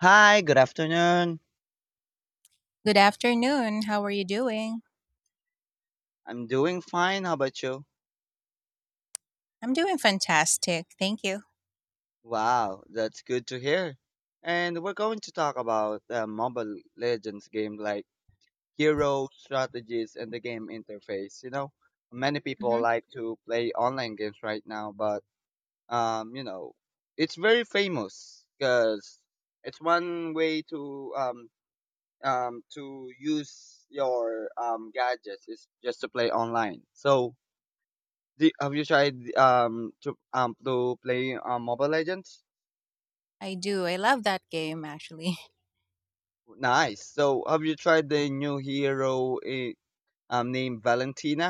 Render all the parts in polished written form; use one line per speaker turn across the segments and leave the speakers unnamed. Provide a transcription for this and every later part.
Hi, good afternoon.
Good afternoon. How are you doing?
I'm doing fine. How about you?
I'm doing fantastic. Thank you.
Wow, that's good to hear. And we're going to talk about Mobile Legends game like hero strategies and the game interface. You know, many people
Hmm.
like to play online games right now, but um, you know, it's very famous because it's one way to use your gadgets is just to play online. So have you tried to play Mobile Legends?
I do. I love that game, actually.
Nice. So have you tried the new hero named Valentina?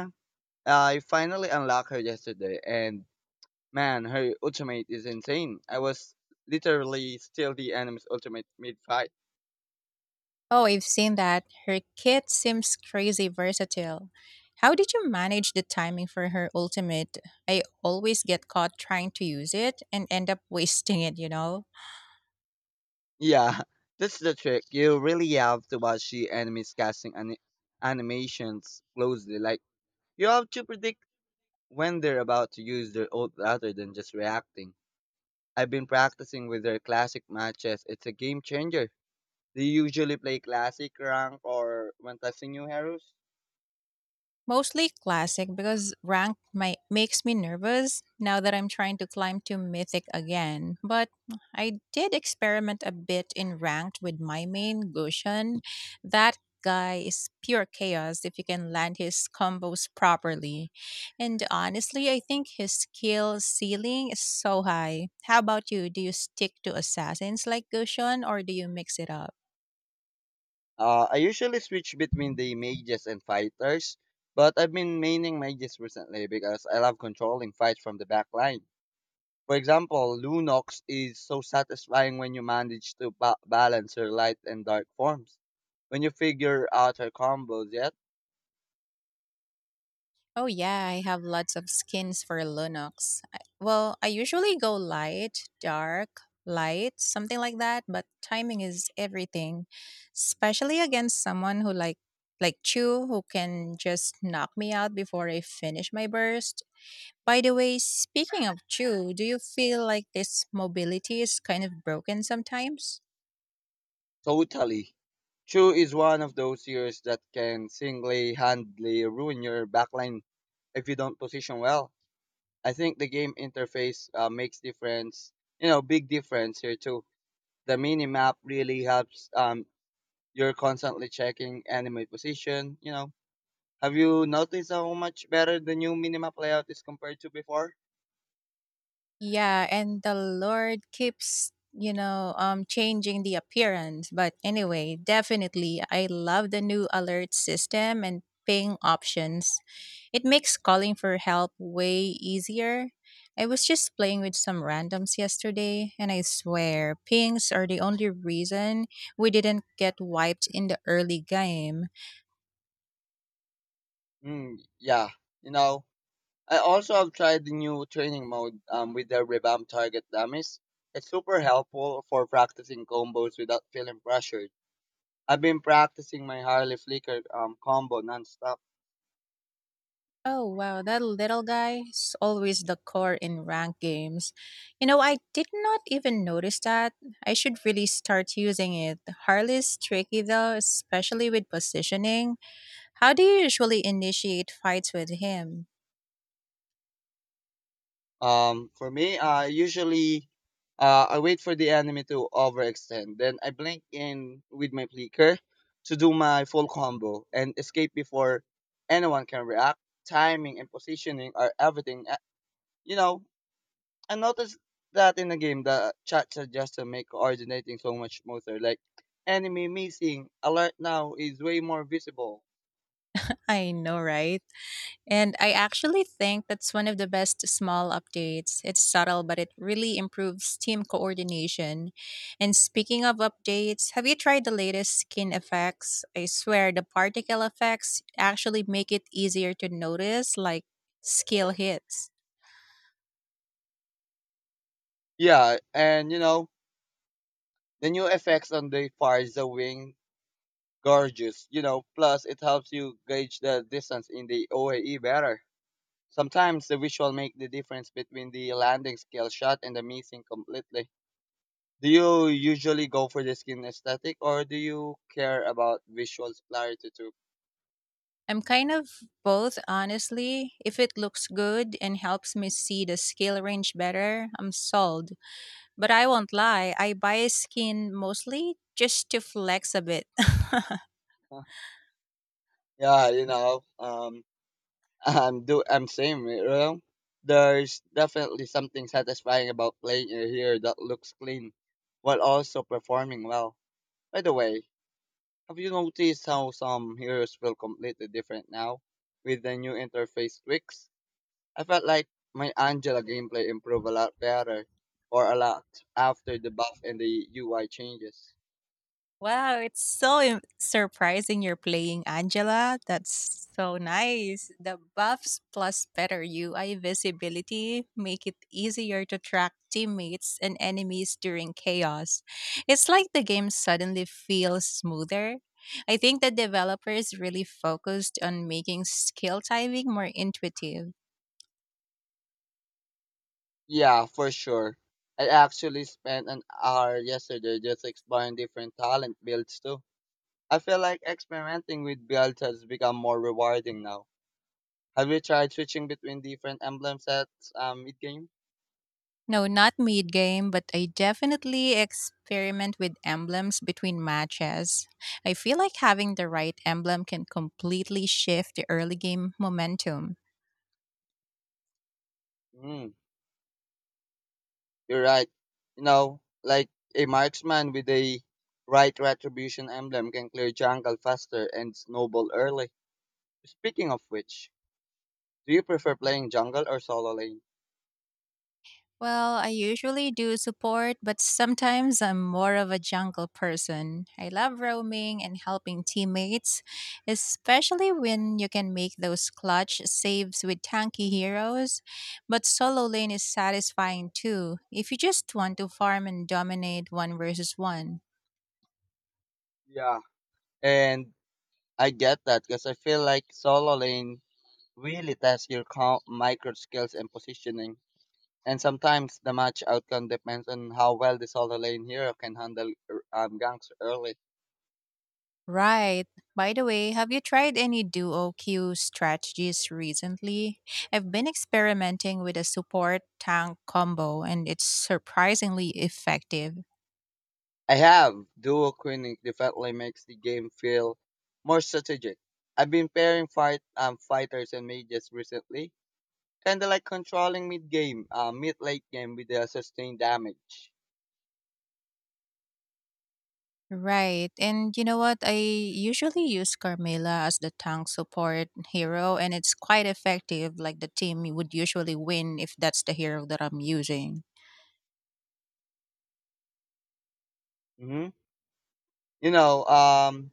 I finally unlocked her yesterday, and man, her ultimate is insane. I was literally still the enemy's ultimate mid fight.
Oh, I've seen that. Her kit seems crazy versatile. How did you manage the timing for her ultimate? I always get caught trying to use it and end up wasting it?
Yeah, that's the trick. You really have to watch the animations closely. Like you have to predict when they're about to use their ult rather than just reacting. I've been practicing with their classic matches. It's a game changer. Do you usually play classic rank or Fantasy New Heroes?
Mostly classic because makes me nervous now that I'm trying to climb to mythic again. But I did experiment a bit in ranked with my main Gushan. That guy is pure chaos if you can land his combos properly. And honestly, I think his skill ceiling is so high. How about you? Do you stick to assassins like Gushon or do you mix it up?
I usually switch between the mages and fighters, but I've been maining mages recently because I love controlling fights from the back line. For example, Lunox is so satisfying when you manage to balance her light and dark forms. When you figure out her combos yet,
Oh yeah, I have lots of skins for Linux. I usually go light, dark, light, something like that, but timing is everything, especially against someone who like Chu who can just knock me out before I finish my burst. By the way, speaking of Chu, do you feel like this mobility is kind of broken sometimes?
totally. Chu is one of those years that can single-handedly ruin your backline if you don't position well. I think the game interface makes difference, you know, big difference here too. The mini map really helps. You're constantly checking enemy position. You know, have you noticed how much better the new minimap layout is compared to before?
Yeah, and the Lord keeps, changing the appearance. But anyway, definitely I love the new alert system and ping options. It makes calling for help way easier. I was just playing with some randoms yesterday, and I swear, pings are the only reason we didn't get wiped in the early game.
Yeah, you know, I also have tried the new training mode with the revamp target dummies. It's super helpful for practicing combos without feeling pressured. I've been practicing my highly flicker combo nonstop.
Oh wow, that little guy is always the core in ranked games. You know, I did not even notice that. I should really start using it. Harley's tricky though, especially with positioning. How do you usually initiate fights with him?
For me, I usually I wait for the enemy to overextend, then I blink in with my flicker to do my full combo and escape before anyone can react. Timing and positioning are everything. You know, I noticed that in the game, the chat suggestion make coordinating so much smoother. Like enemy missing alert now is way more visible.
I know, right? And I actually think that's one of the best small updates. It's subtle, but it really improves team coordination. And speaking of updates, have you tried the latest skin effects? I swear the particle effects actually make it easier to notice, like skill hits.
Yeah, and the new effects on the far is the wing gorgeous. You know, plus it helps you gauge the distance in the OAE better. Sometimes the visual make the difference between the landing skill shot and the missing completely. Do you usually go for the skin aesthetic or do you care about visual clarity too?
I'm kind of both, honestly. If it looks good and helps me see the skill range better, I'm sold. But I won't lie, I buy skin mostly just to flex a bit.
Yeah, I'm same, there's definitely something satisfying about playing a hero that looks clean while also performing well. By the way, have you noticed how some heroes feel completely different now with the new interface tweaks? I felt like my Angela gameplay improved a lot better, or a lot, after the buff and the UI changes.
Wow, it's so surprising you're playing Angela. That's so nice. The buffs plus better UI visibility make it easier to track teammates and enemies during chaos. It's like the game suddenly feels smoother. I think the developers really focused on making skill timing more intuitive.
Yeah, for sure. I actually spent an hour yesterday just exploring different talent builds too. I feel like experimenting with builds has become more rewarding now. Have you tried switching between different emblem sets mid game?
No, not mid game, but I definitely experiment with emblems between matches. I feel like having the right emblem can completely shift the early game momentum.
Mm, you're right. You know, like a marksman with a right retribution emblem can clear jungle faster and snowball early. Speaking of which, do you prefer playing jungle or solo lane?
Well, I usually do support, but sometimes I'm more of a jungle person. I love roaming and helping teammates, especially when you can make those clutch saves with tanky heroes. But solo lane is satisfying too, if you just want to farm and dominate one versus one.
Yeah. And I get that because I feel like solo lane really tests your micro skills and positioning. And sometimes the match outcome depends on how well the solo lane hero can handle ganks early.
Right. By the way, have you tried any duo queue strategies recently? I've been experimenting with a support tank combo and it's surprisingly effective.
I have. Duo queening definitely makes the game feel more strategic. I've been pairing fighters and mages recently, kind of like controlling mid game, mid late game with the sustained damage.
Right. And you know what? I usually use Carmela as the tank support hero and it's quite effective. Like the team would usually win if that's the hero that I'm using.
Hmm. You know,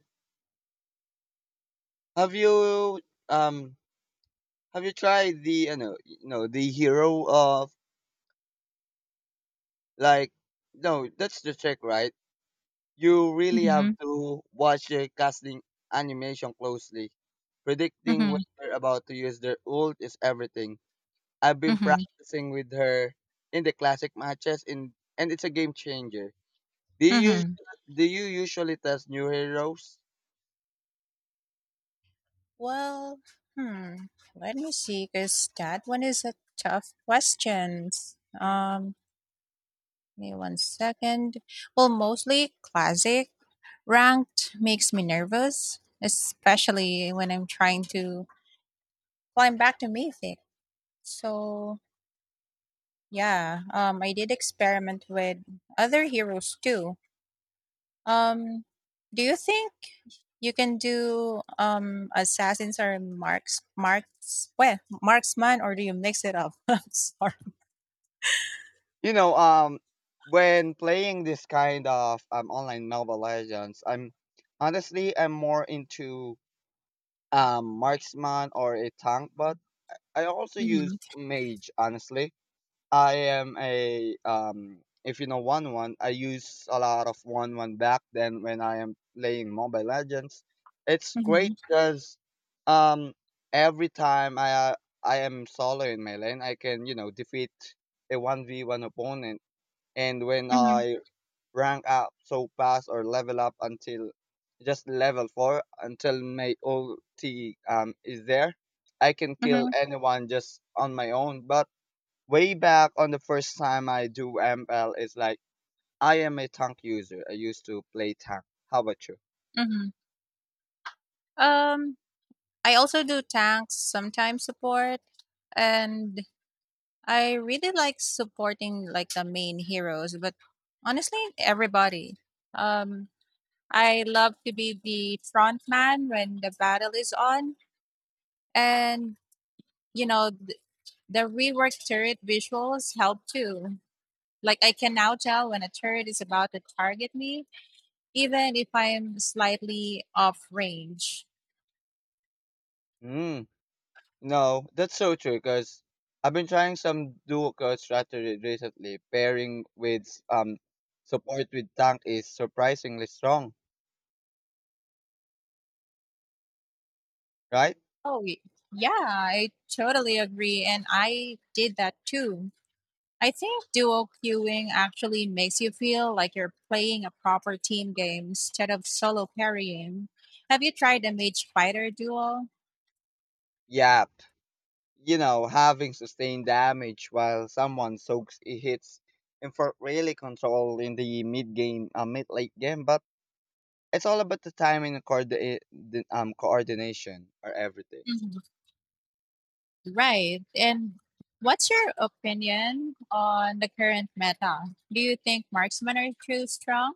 have you um have you tried the, the hero of like, no, that's the trick, right? You really have
Mm-hmm.
to watch the casting animation closely. Predicting when
Mm-hmm.
they're about to use their ult is everything. I've been
Mm-hmm.
practicing with her in the classic matches, in, and it's a game changer. Do you
Mm-hmm.
usually, do you usually test new heroes?
Well, hmm, let me see, because that one is a tough question. Um, Give me one second. Well, mostly classic. Ranked makes me nervous, especially when I'm trying to climb back to mythic. So yeah, I did experiment with other heroes too. Um, do you think you can do assassins or marksman or do you mix it up? I'm sorry.
You know, when playing this kind of online Mobile Legends, I'm honestly I'm more into marksman or a tank, but I also use
Mm-hmm,
mage. Honestly, I am a if you know one one, I use a lot of one one back then when I am playing Mobile Legends. It's great
mm-hmm,
because um, every time I am solo in my lane, I can you know defeat a one v one opponent, and when
mm-hmm,
I rank up so fast or level up until just level 4 until my ulti is there. I can kill
mm-hmm,
anyone just on my own. But way back on the first time I do ML, it's like I am a tank user. I used to play tank. How about you?
mm-hmm. Um, I also do tanks sometimes support, and I really like supporting like the main heroes. But honestly, everybody. Um, I love to be the front man when the battle is on, and you know, the reworked turret visuals help too. Like I can now tell when a turret is about to target me, even if I am slightly off range.
Mm, no, that's so true because I've been trying some dual code strategy recently. Pairing with support with tank is surprisingly strong, right?
Oh, y- yeah, I totally agree. And I did that too. I think duo queuing actually makes you feel like you're playing a proper team game instead of solo carrying. Have you tried a mage fighter duel?
Yeah, you know, having sustained damage while someone hits and for really control in the mid game, mid late game. But it's all about the timing and coordination or everything.
Mhm. Right. And what's your opinion on the current meta? Do you think marksmen are too strong?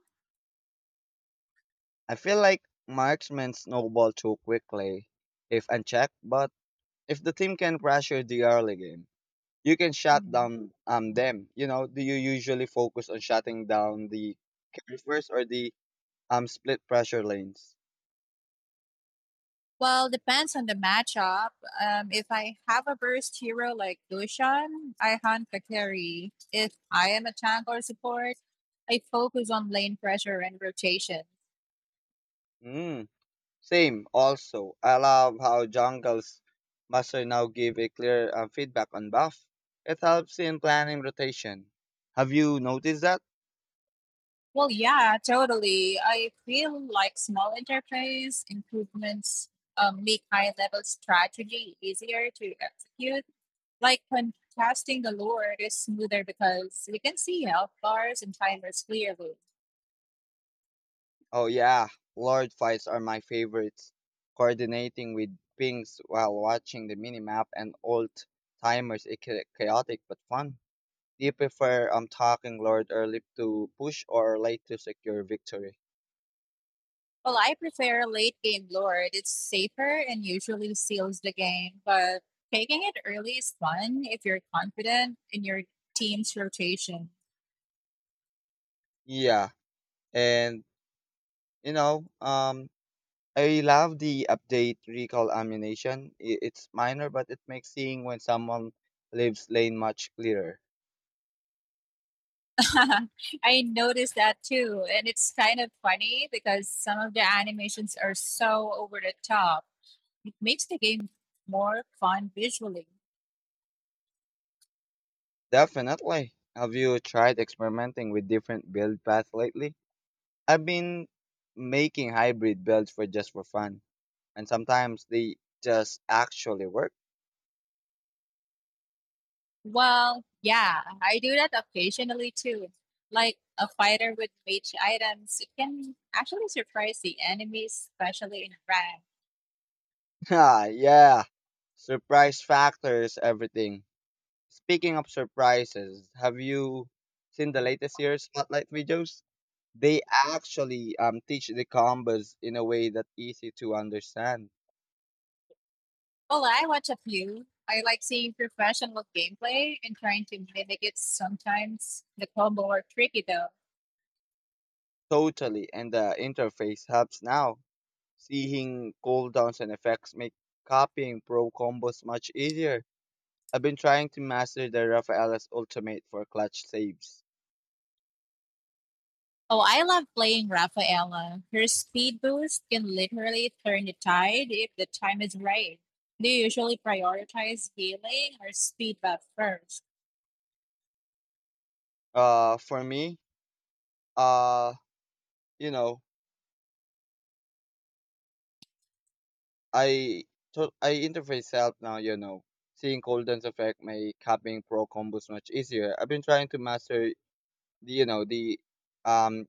I feel like marksmen snowball too quickly if unchecked, but if the team can pressure the early game, you can shut
Mm.
down them. You know, do you usually focus on shutting down the carry first or the split pressure lanes?
Well, depends on the matchup. If I have a burst hero like Dushan, I hunt the carry. If I am a tank or support, I focus on lane pressure and rotation.
Hmm. Same, also. I love how jungles master now give a clear feedback on buff. It helps in planning rotation. Have you noticed that?
Well, yeah, totally. I feel like small interface improvements make high level strategy easier to execute. Like when casting the Lord is smoother because you can see health bars and timers clearly.
Oh yeah, lord fights are my favorites. Coordinating with pings while watching the minimap and alt timers is chaotic but fun. Do you prefer talking lord early to push or late to secure victory?
Well, I prefer late game lord. It's safer and usually seals the game, but taking it early is fun if you're confident in your team's rotation.
Yeah, and you know um I love the update recall ammunition. It's minor, but it makes seeing when someone leaves lane much clearer.
I noticed that too, and it's kind of funny because some of the animations are so over the top. It makes the game more fun visually.
Definitely. Have you tried experimenting with different build paths lately? I've been making hybrid builds for just for fun, and sometimes they just actually work.
Well, yeah, I do that occasionally too. Like a fighter with mage items, it can actually surprise the enemies, especially in rank.
Ah, yeah. Surprise factors, everything. Speaking of surprises, have you seen the latest year's spotlight videos? They actually teach the combos in a way that's easy to understand.
Well, I watch a few. I like seeing professional gameplay and trying to mimic it sometimes. The combo are tricky though.
Totally, and the interface helps now. Seeing cooldowns and effects make copying pro combos much easier. I've been trying to master the Rafaela's ultimate for clutch saves.
Oh, I love playing Rafaela. Her speed boost can literally turn the tide if the time is right. Do you usually prioritize healing or speed buff first?
For me, uh, you know, I I interface help now. You know, seeing cooldowns effect make copying pro combos much easier. I've been trying to master, the, you know, the um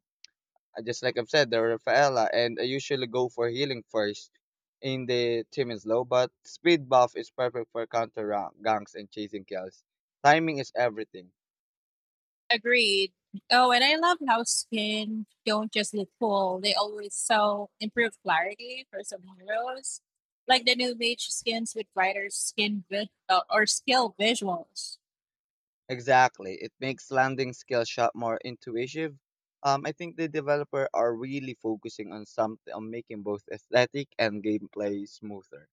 just like I've said, the Rafaela, and I usually go for healing first in the team is low, but speed buff is perfect for ganks and chasing kills. Timing is everything.
Agreed. Oh, and I love how skin don't just look cool; they always sell improved clarity for some heroes, like the new mage skins with brighter skin vi- or skill visuals.
Exactly. It makes landing skill shot more intuitive. I think the developer are really focusing on something on making both aesthetic and gameplay smoother.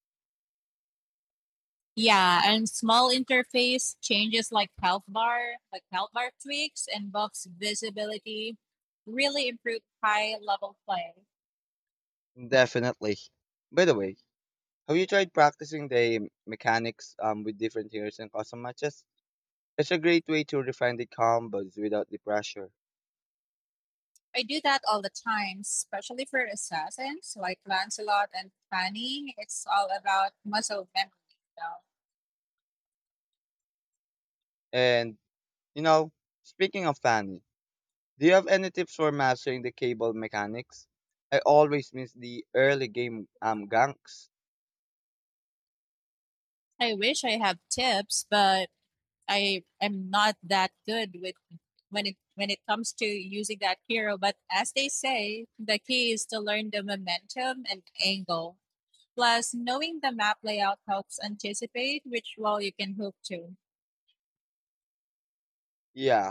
Yeah, and small interface changes like health bar tweaks and buffs visibility, really improve high level play.
Definitely. By the way, have you tried practicing the mechanics with different heroes and custom matches? It's a great way to refine the combos without the pressure.
I do that all the time, especially for assassins like Lancelot and Fanny. It's all about muscle memory. You know?
And, you know, speaking of fanning, do you have any tips for mastering the cable mechanics? I always miss the early game ganks.
I wish I have tips, but I am not that good with when it comes to using that hero. But as they say, the key is to learn the momentum and angle. Plus, knowing the map layout helps anticipate which wall you can hook to.
Yeah.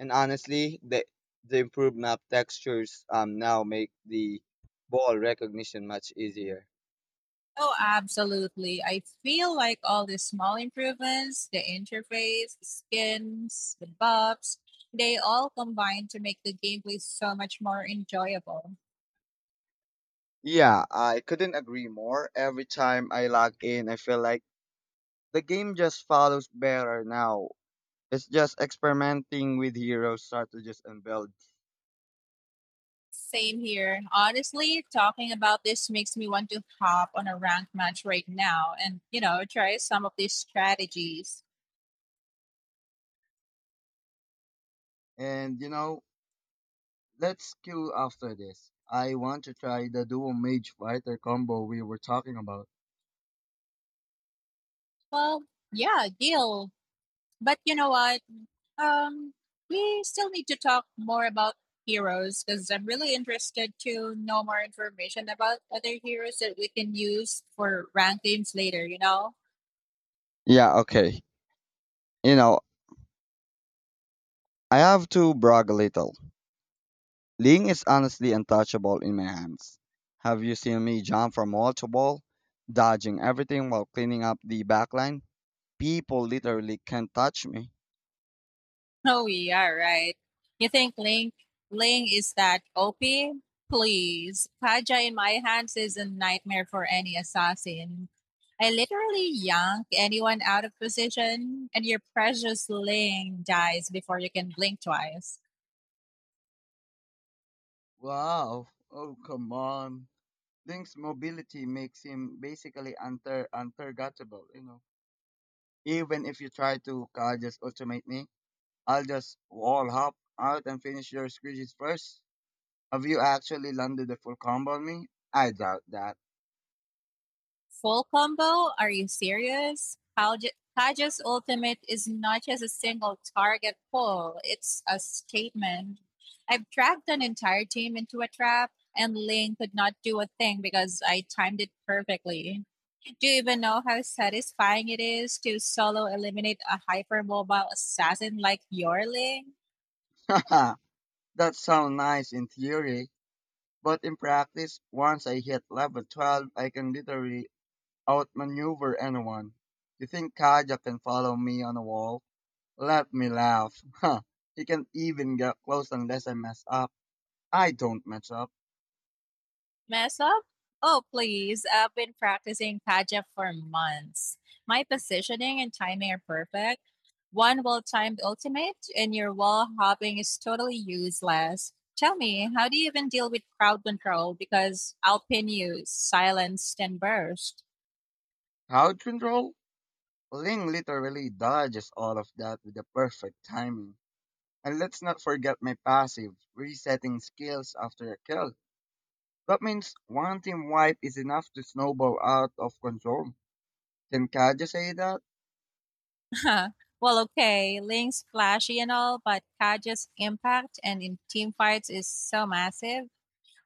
And honestly, the improved map textures now make the ball recognition much easier.
Oh, absolutely. I feel like all the small improvements, the interface, the skins, the buffs, they all combine to make the gameplay so much more enjoyable.
Yeah, I couldn't agree more. Every time I log in, I feel like the game just follows better now. It's just experimenting with heroes, strategies, and builds.
Same here. Honestly, talking about this makes me want to hop on a ranked match right now and, you know, try some of these strategies.
And you know, let's queue after this. I want to try the duo mage fighter combo we were talking about.
Well, yeah, deal. But you know what? Um, we still need to talk more about heroes because I'm really interested to know more information about other heroes that we can use for ranked games later, you know?
Yeah, okay. You know, I have to brag a little. Ling is honestly untouchable in my hands. Have you seen me jump from wall to wall, dodging everything while cleaning up the backline? People literally can't touch me.
Oh, yeah, right. You think Ling is that OP? Please. Kaja in my hands is a nightmare for any assassin. I literally yank anyone out of position, and your precious Ling dies before you can blink twice.
Wow. Oh, come on. Link's mobility makes him basically untargetable, you know. Even if you try to "God, just automate me," I'll just wall hop out and finish your screeches first. Have you actually landed the full combo on me? I doubt that.
Full combo? Are you serious? Kaja's ultimate is not just a single target pull, it's a statement. I've tracked an entire team into a trap, and Lane could not do a thing because I timed it perfectly. Do you even know how satisfying it is to solo eliminate a hypermobile assassin like Yorling?
That sounds nice in theory, but in practice, once I hit level 12, I can literally outmaneuver anyone. You think Kaja can follow me on a wall? Let me laugh. He can't even get close unless I mess up. I don't mess up.
Mess up? Oh, please. I've been practicing Kaja for months. My positioning and timing are perfect. One well timed ultimate, and your wall hopping is totally useless. Tell me, how do you even deal with crowd control? Because I'll pin you, silenced and burst.
Crowd control? Ling literally dodges all of that with the perfect timing. And let's not forget my passive, resetting skills after a kill. That means one team wipe is enough to snowball out of control. Can Kaja say that?
Well, okay, Link's flashy and all, but Kaja's impact and in team fights is so massive.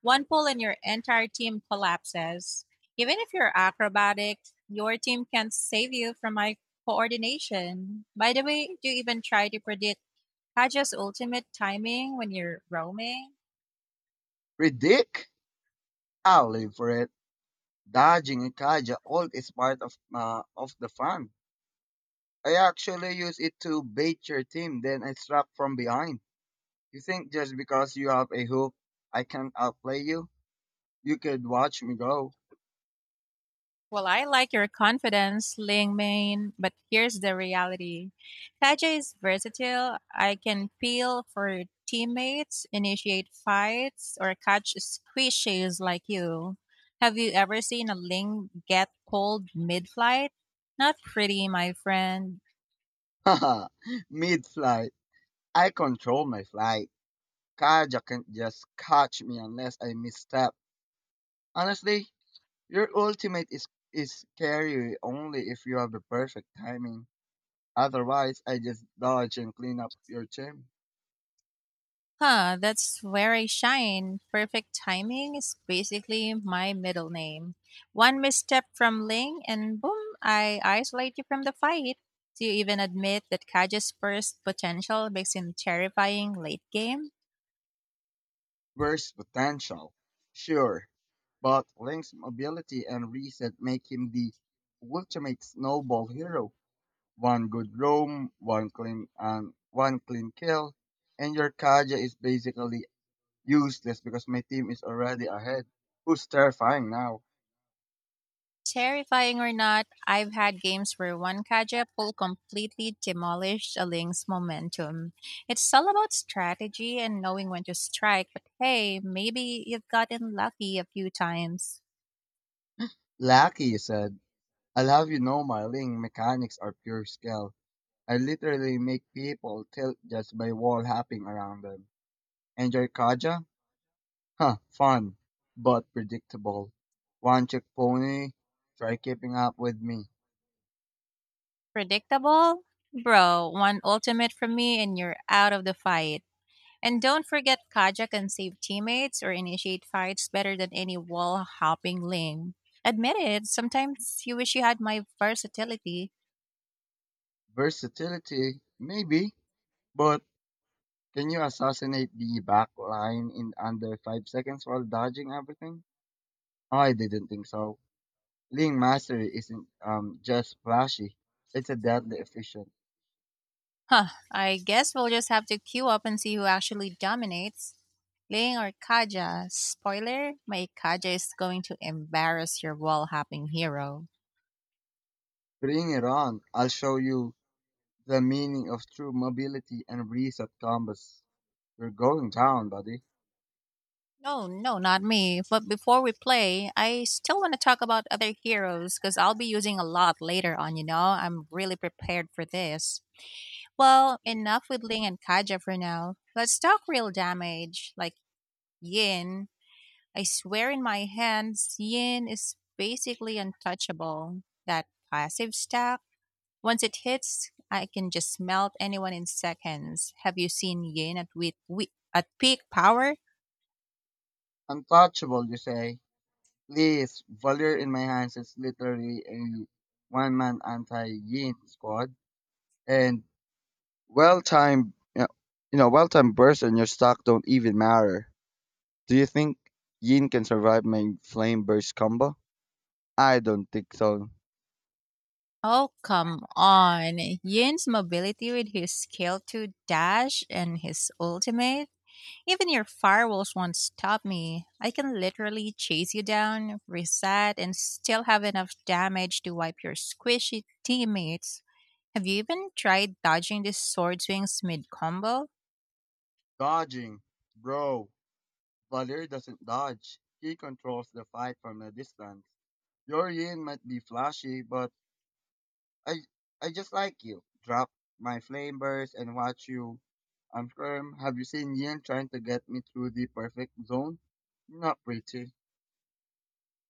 One pull and your entire team collapses. Even if you're acrobatic, your team can't save you from my coordination. By the way, do you even try to predict Haja's ultimate timing when you're roaming?
Ridic? I'll live for it. Dodging a Kaja ult is part of, of the fun. I actually use it to bait your team, then I strap from behind. You think just because you have a hook, I can't outplay you? You could watch me go.
Well, I like your confidence, Ling Main, but here's the reality. Kaja is versatile. I can peel for teammates, initiate fights, or catch squishes like you. Have you ever seen a Ling get pulled mid flight? Not pretty, my friend.
Haha, mid flight. I control my flight. Kaja can't just catch me unless I misstep. Honestly, your ultimate is scary only if you have the perfect timing. Otherwise, I just dodge and clean up your gym.
Huh, that's where I shine. Perfect timing is basically my middle name. One misstep from Ling, and boom, I isolate you from the fight. Do you even admit that Kaja's first potential makes him terrifying late game?
Worst potential? Sure, but Link's mobility and reset make him the ultimate snowball hero. One good roam, one clean and one clean kill, and your Kaja is basically useless because my team is already ahead. Who's terrifying now?
Terrifying or not, I've had games where one Kaja pull completely demolished a Ling's momentum. It's all about strategy and knowing when to strike, but hey, maybe you've gotten lucky a few times.
Lucky said, I'll have you know my Ling mechanics are pure skill. I literally make people tilt just by wall hopping around them. And your Kaja? Huh, fun, but predictable. One trick pony, try keeping up with me.
Predictable? Bro, one ultimate from me and you're out of the fight. And don't forget Kaja can save teammates or initiate fights better than any wall hopping lame. Admit it, sometimes you wish you had my versatility.
Versatility, maybe, but can you assassinate the back line in under 5 seconds while dodging everything? I didn't think so. Ling mastery isn't just flashy; it's a deadly efficient.
Huh, I guess we'll just have to queue up and see who actually dominates. Ling or Kaja? Spoiler, my Kaja is going to embarrass your wall hopping hero.
Bring it on! I'll show you the meaning of true mobility and reset combos. You're going down, buddy.
No, no, not me. But before we play, I still want to talk about other heroes because I'll be using a lot later on, you know? I'm really prepared for this. Well, enough with Ling and Kaja for now. Let's talk real damage, like Yin. I swear in my hands, Yin is basically untouchable. That passive stack, once it hits, I can just melt anyone in seconds. Have you seen Yin at peak power?
Untouchable, you say? Please, Valor in my hands is literally a one-man anti-Yin squad, and well time, well time bursts and your stock don't even matter. Do you think Yin can survive my flame burst combo? I don't think so.
Oh, come on. Yin's mobility with his scale 2 dash and his ultimate. Even your firewalls won't stop me. I can literally chase you down, reset, and still have enough damage to wipe your squishy teammates. Have you even tried dodging this sword swings mid combo?
Dodging. Bro, Valir doesn't dodge. He controls the fight from a distance. Your yin might be flashy, but I I just like you. Drop my flame burst and watch you. I'm firm. Have you seen Yin trying to get me through the perfect zone? Not pretty.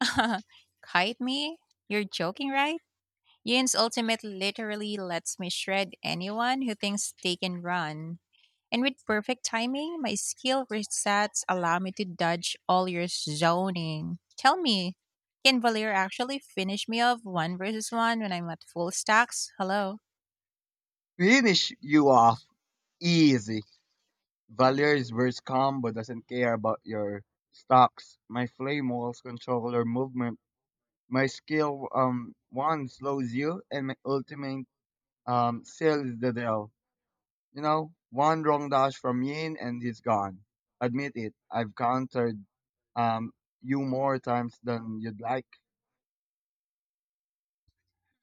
Kite me? You're joking, right? Yin's ultimate literally lets me shred anyone who thinks they can run. And with perfect timing, my skill resets allow me to dodge all your zoning. Tell me, can Valir actually finish me off one versus one when I'm at full stacks? Hello?
Finish you off. Easy. Valier wears calm but doesn't care about your stocks. My flame walls control your movement. My skill one slows you and my ultimate seals the deal. You know, one wrong dash from Yin and he's gone. Admit it, I've countered um you more times than you'd like.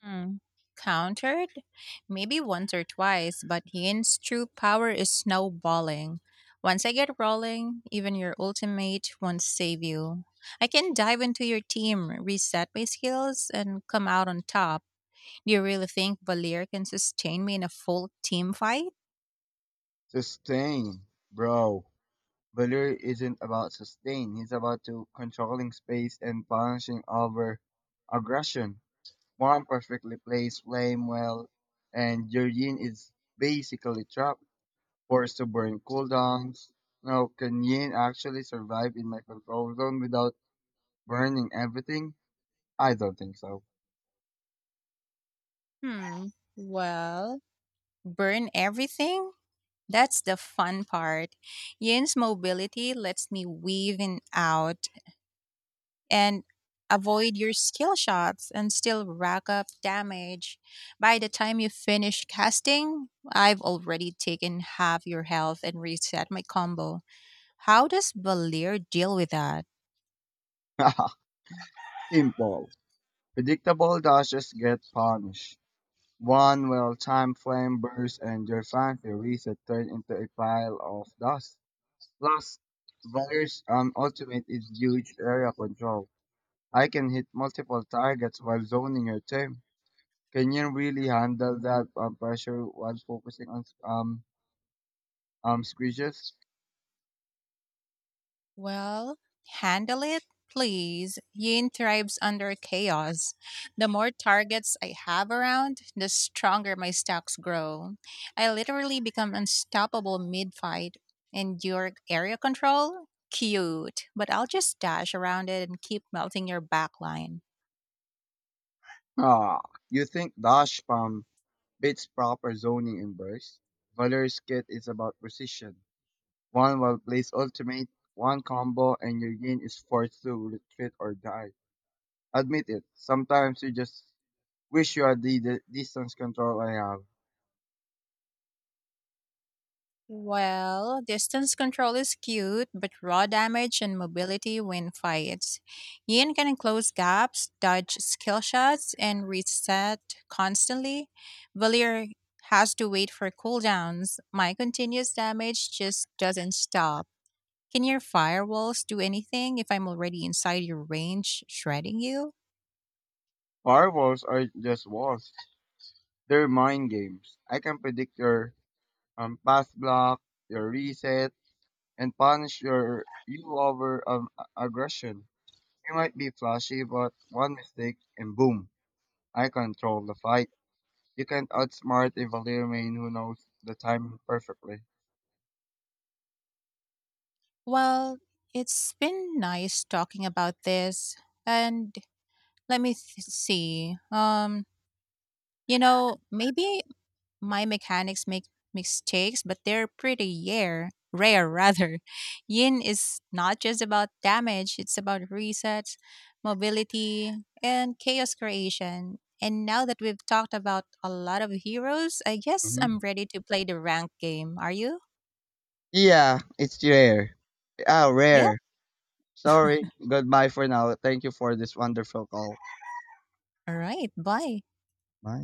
Hmm. Countered? Maybe once or twice, but Yin's true power is snowballing. Once I get rolling, even your ultimate won't save you. I can dive into your team, reset my skills, and come out on top. Do you really think Valir can sustain me in a full team fight?
Sustain, bro. Valor isn't about sustain. He's about to controlling space and punishing over aggression. One perfectly plays Flame well, and Juryin is basically trapped, forced to burn cooldowns. Now, can Yin actually survive in my control zone without burning everything? I don't think so.
Hmm. Well, burn everything? That's the fun part. Yin's mobility lets me weave in out and avoid your skill shots and still rack up damage. By the time you finish casting, I've already taken half your health and reset my combo. How does Valir deal with that?
Simple. Predictable dashes get punished. One well-timed flame burst and your fancy reset turn into a pile of dust. Plus, Valyr's ultimate is huge area control. I can hit multiple targets while zoning your team. Can you really handle that pressure while focusing on squeezes?
Well, handle it, please. Yin thrives under chaos. The more targets I have around, the stronger my stocks grow. I literally become unstoppable mid fight. And your area control? Cute. But I'll just dash around it and keep melting your back line.
Ah, you think dash spam beats proper zoning in burst? Valer's kit is about precision. One will place ultimate, one combo, and your yin is forced to retreat or die. Admit it. Sometimes you just wish you had the distance control I have.
Well, distance control is cute, but raw damage and mobility win fights. Yin can close gaps, dodge skill shots, and reset constantly. Valir has to wait for cooldowns. My continuous damage just doesn't stop. Can your firewalls do anything if I'm already inside your range, shredding you?
Firewalls are just walls. They're mind games. I can predict your pass block, your reset, and punish your you over aggression. You might be flashy, but one mistake and boom, I control the fight. You can't outsmart a Valyrian who knows the time perfectly.
Well, it's been nice talking about this, and let me see. You know, maybe my mechanics make mistakes, but they're pretty rare. Rare, rather. Yin is not just about damage, it's about resets, mobility, and chaos creation. And now that we've talked about a lot of heroes, I guess I'm
hmm
ready to play the rank game. Are you?
Yeah, it's rare. Ah,
Yep.
rare. Sorry. Goodbye for now. Thank you for this wonderful call.
All right. Bye.
Bye.